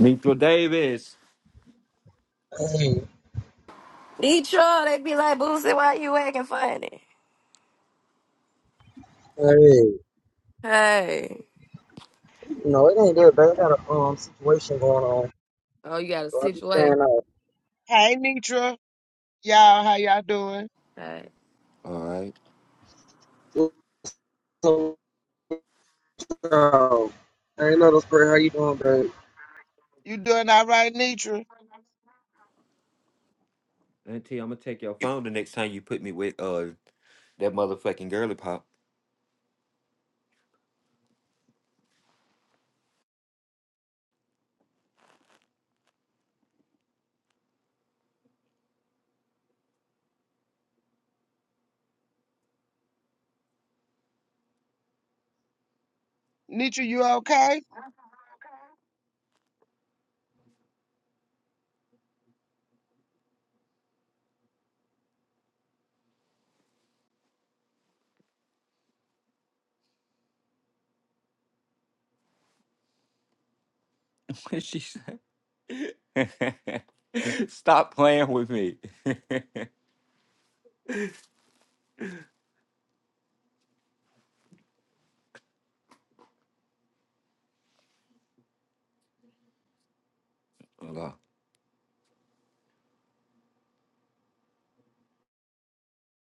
Mitchell Davis. Hey, Detroit, they be like, Boosie, why you acting funny? hey. Hey. No, it ain't that bad. I got a um situation going on. Oh, you got a So I be staying situation? out. Hey Nitra, y'all, how y'all doing? Hey. All right. So, so, ain't no spray. How you doing, babe? You doing all right, Nitra? Auntie, I'm gonna take your phone the next time you put me with uh that motherfucking girly pop. Nitra, you okay? she said, "Stop playing with me." Hold on.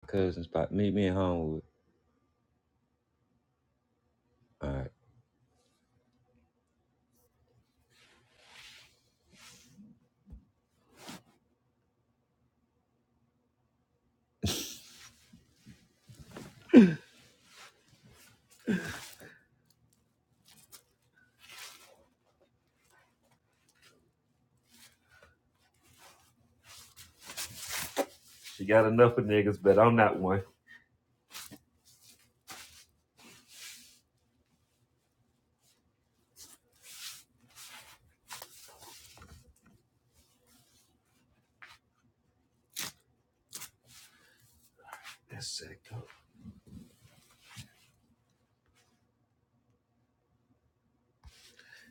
Cousin spot, meet me in Homewood. All right. She got enough of niggas, but I'm not one. That's sick, go.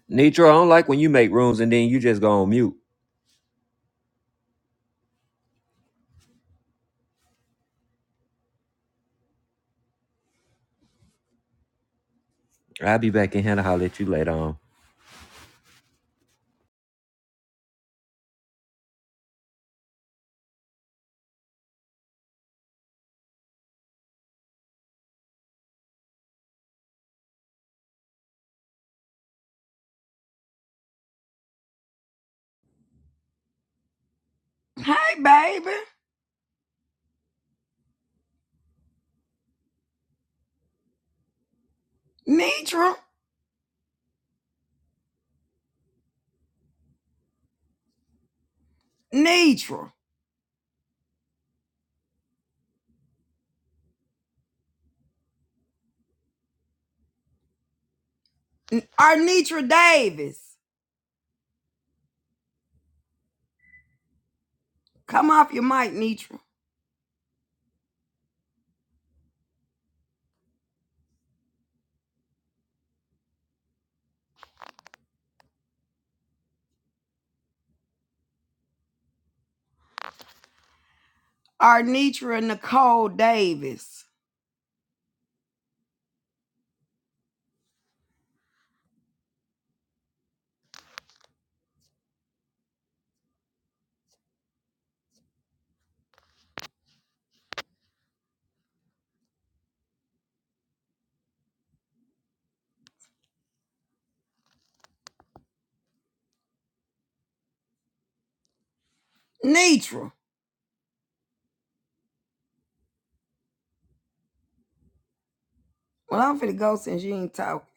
Nitro, I don't like when you make rooms and then you just go on mute. I'll be back in here to holler at you later on. Hey, baby. Nitra. Nitra. Our Nitra Davis. Come off your mic, Nitra. Our Nitra Nicole Davis. Nitra. Well, I'm finna go since you ain't talking.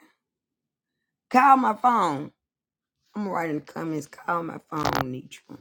Call my phone. I'm gonna write in the comments. Call my phone, Nitra.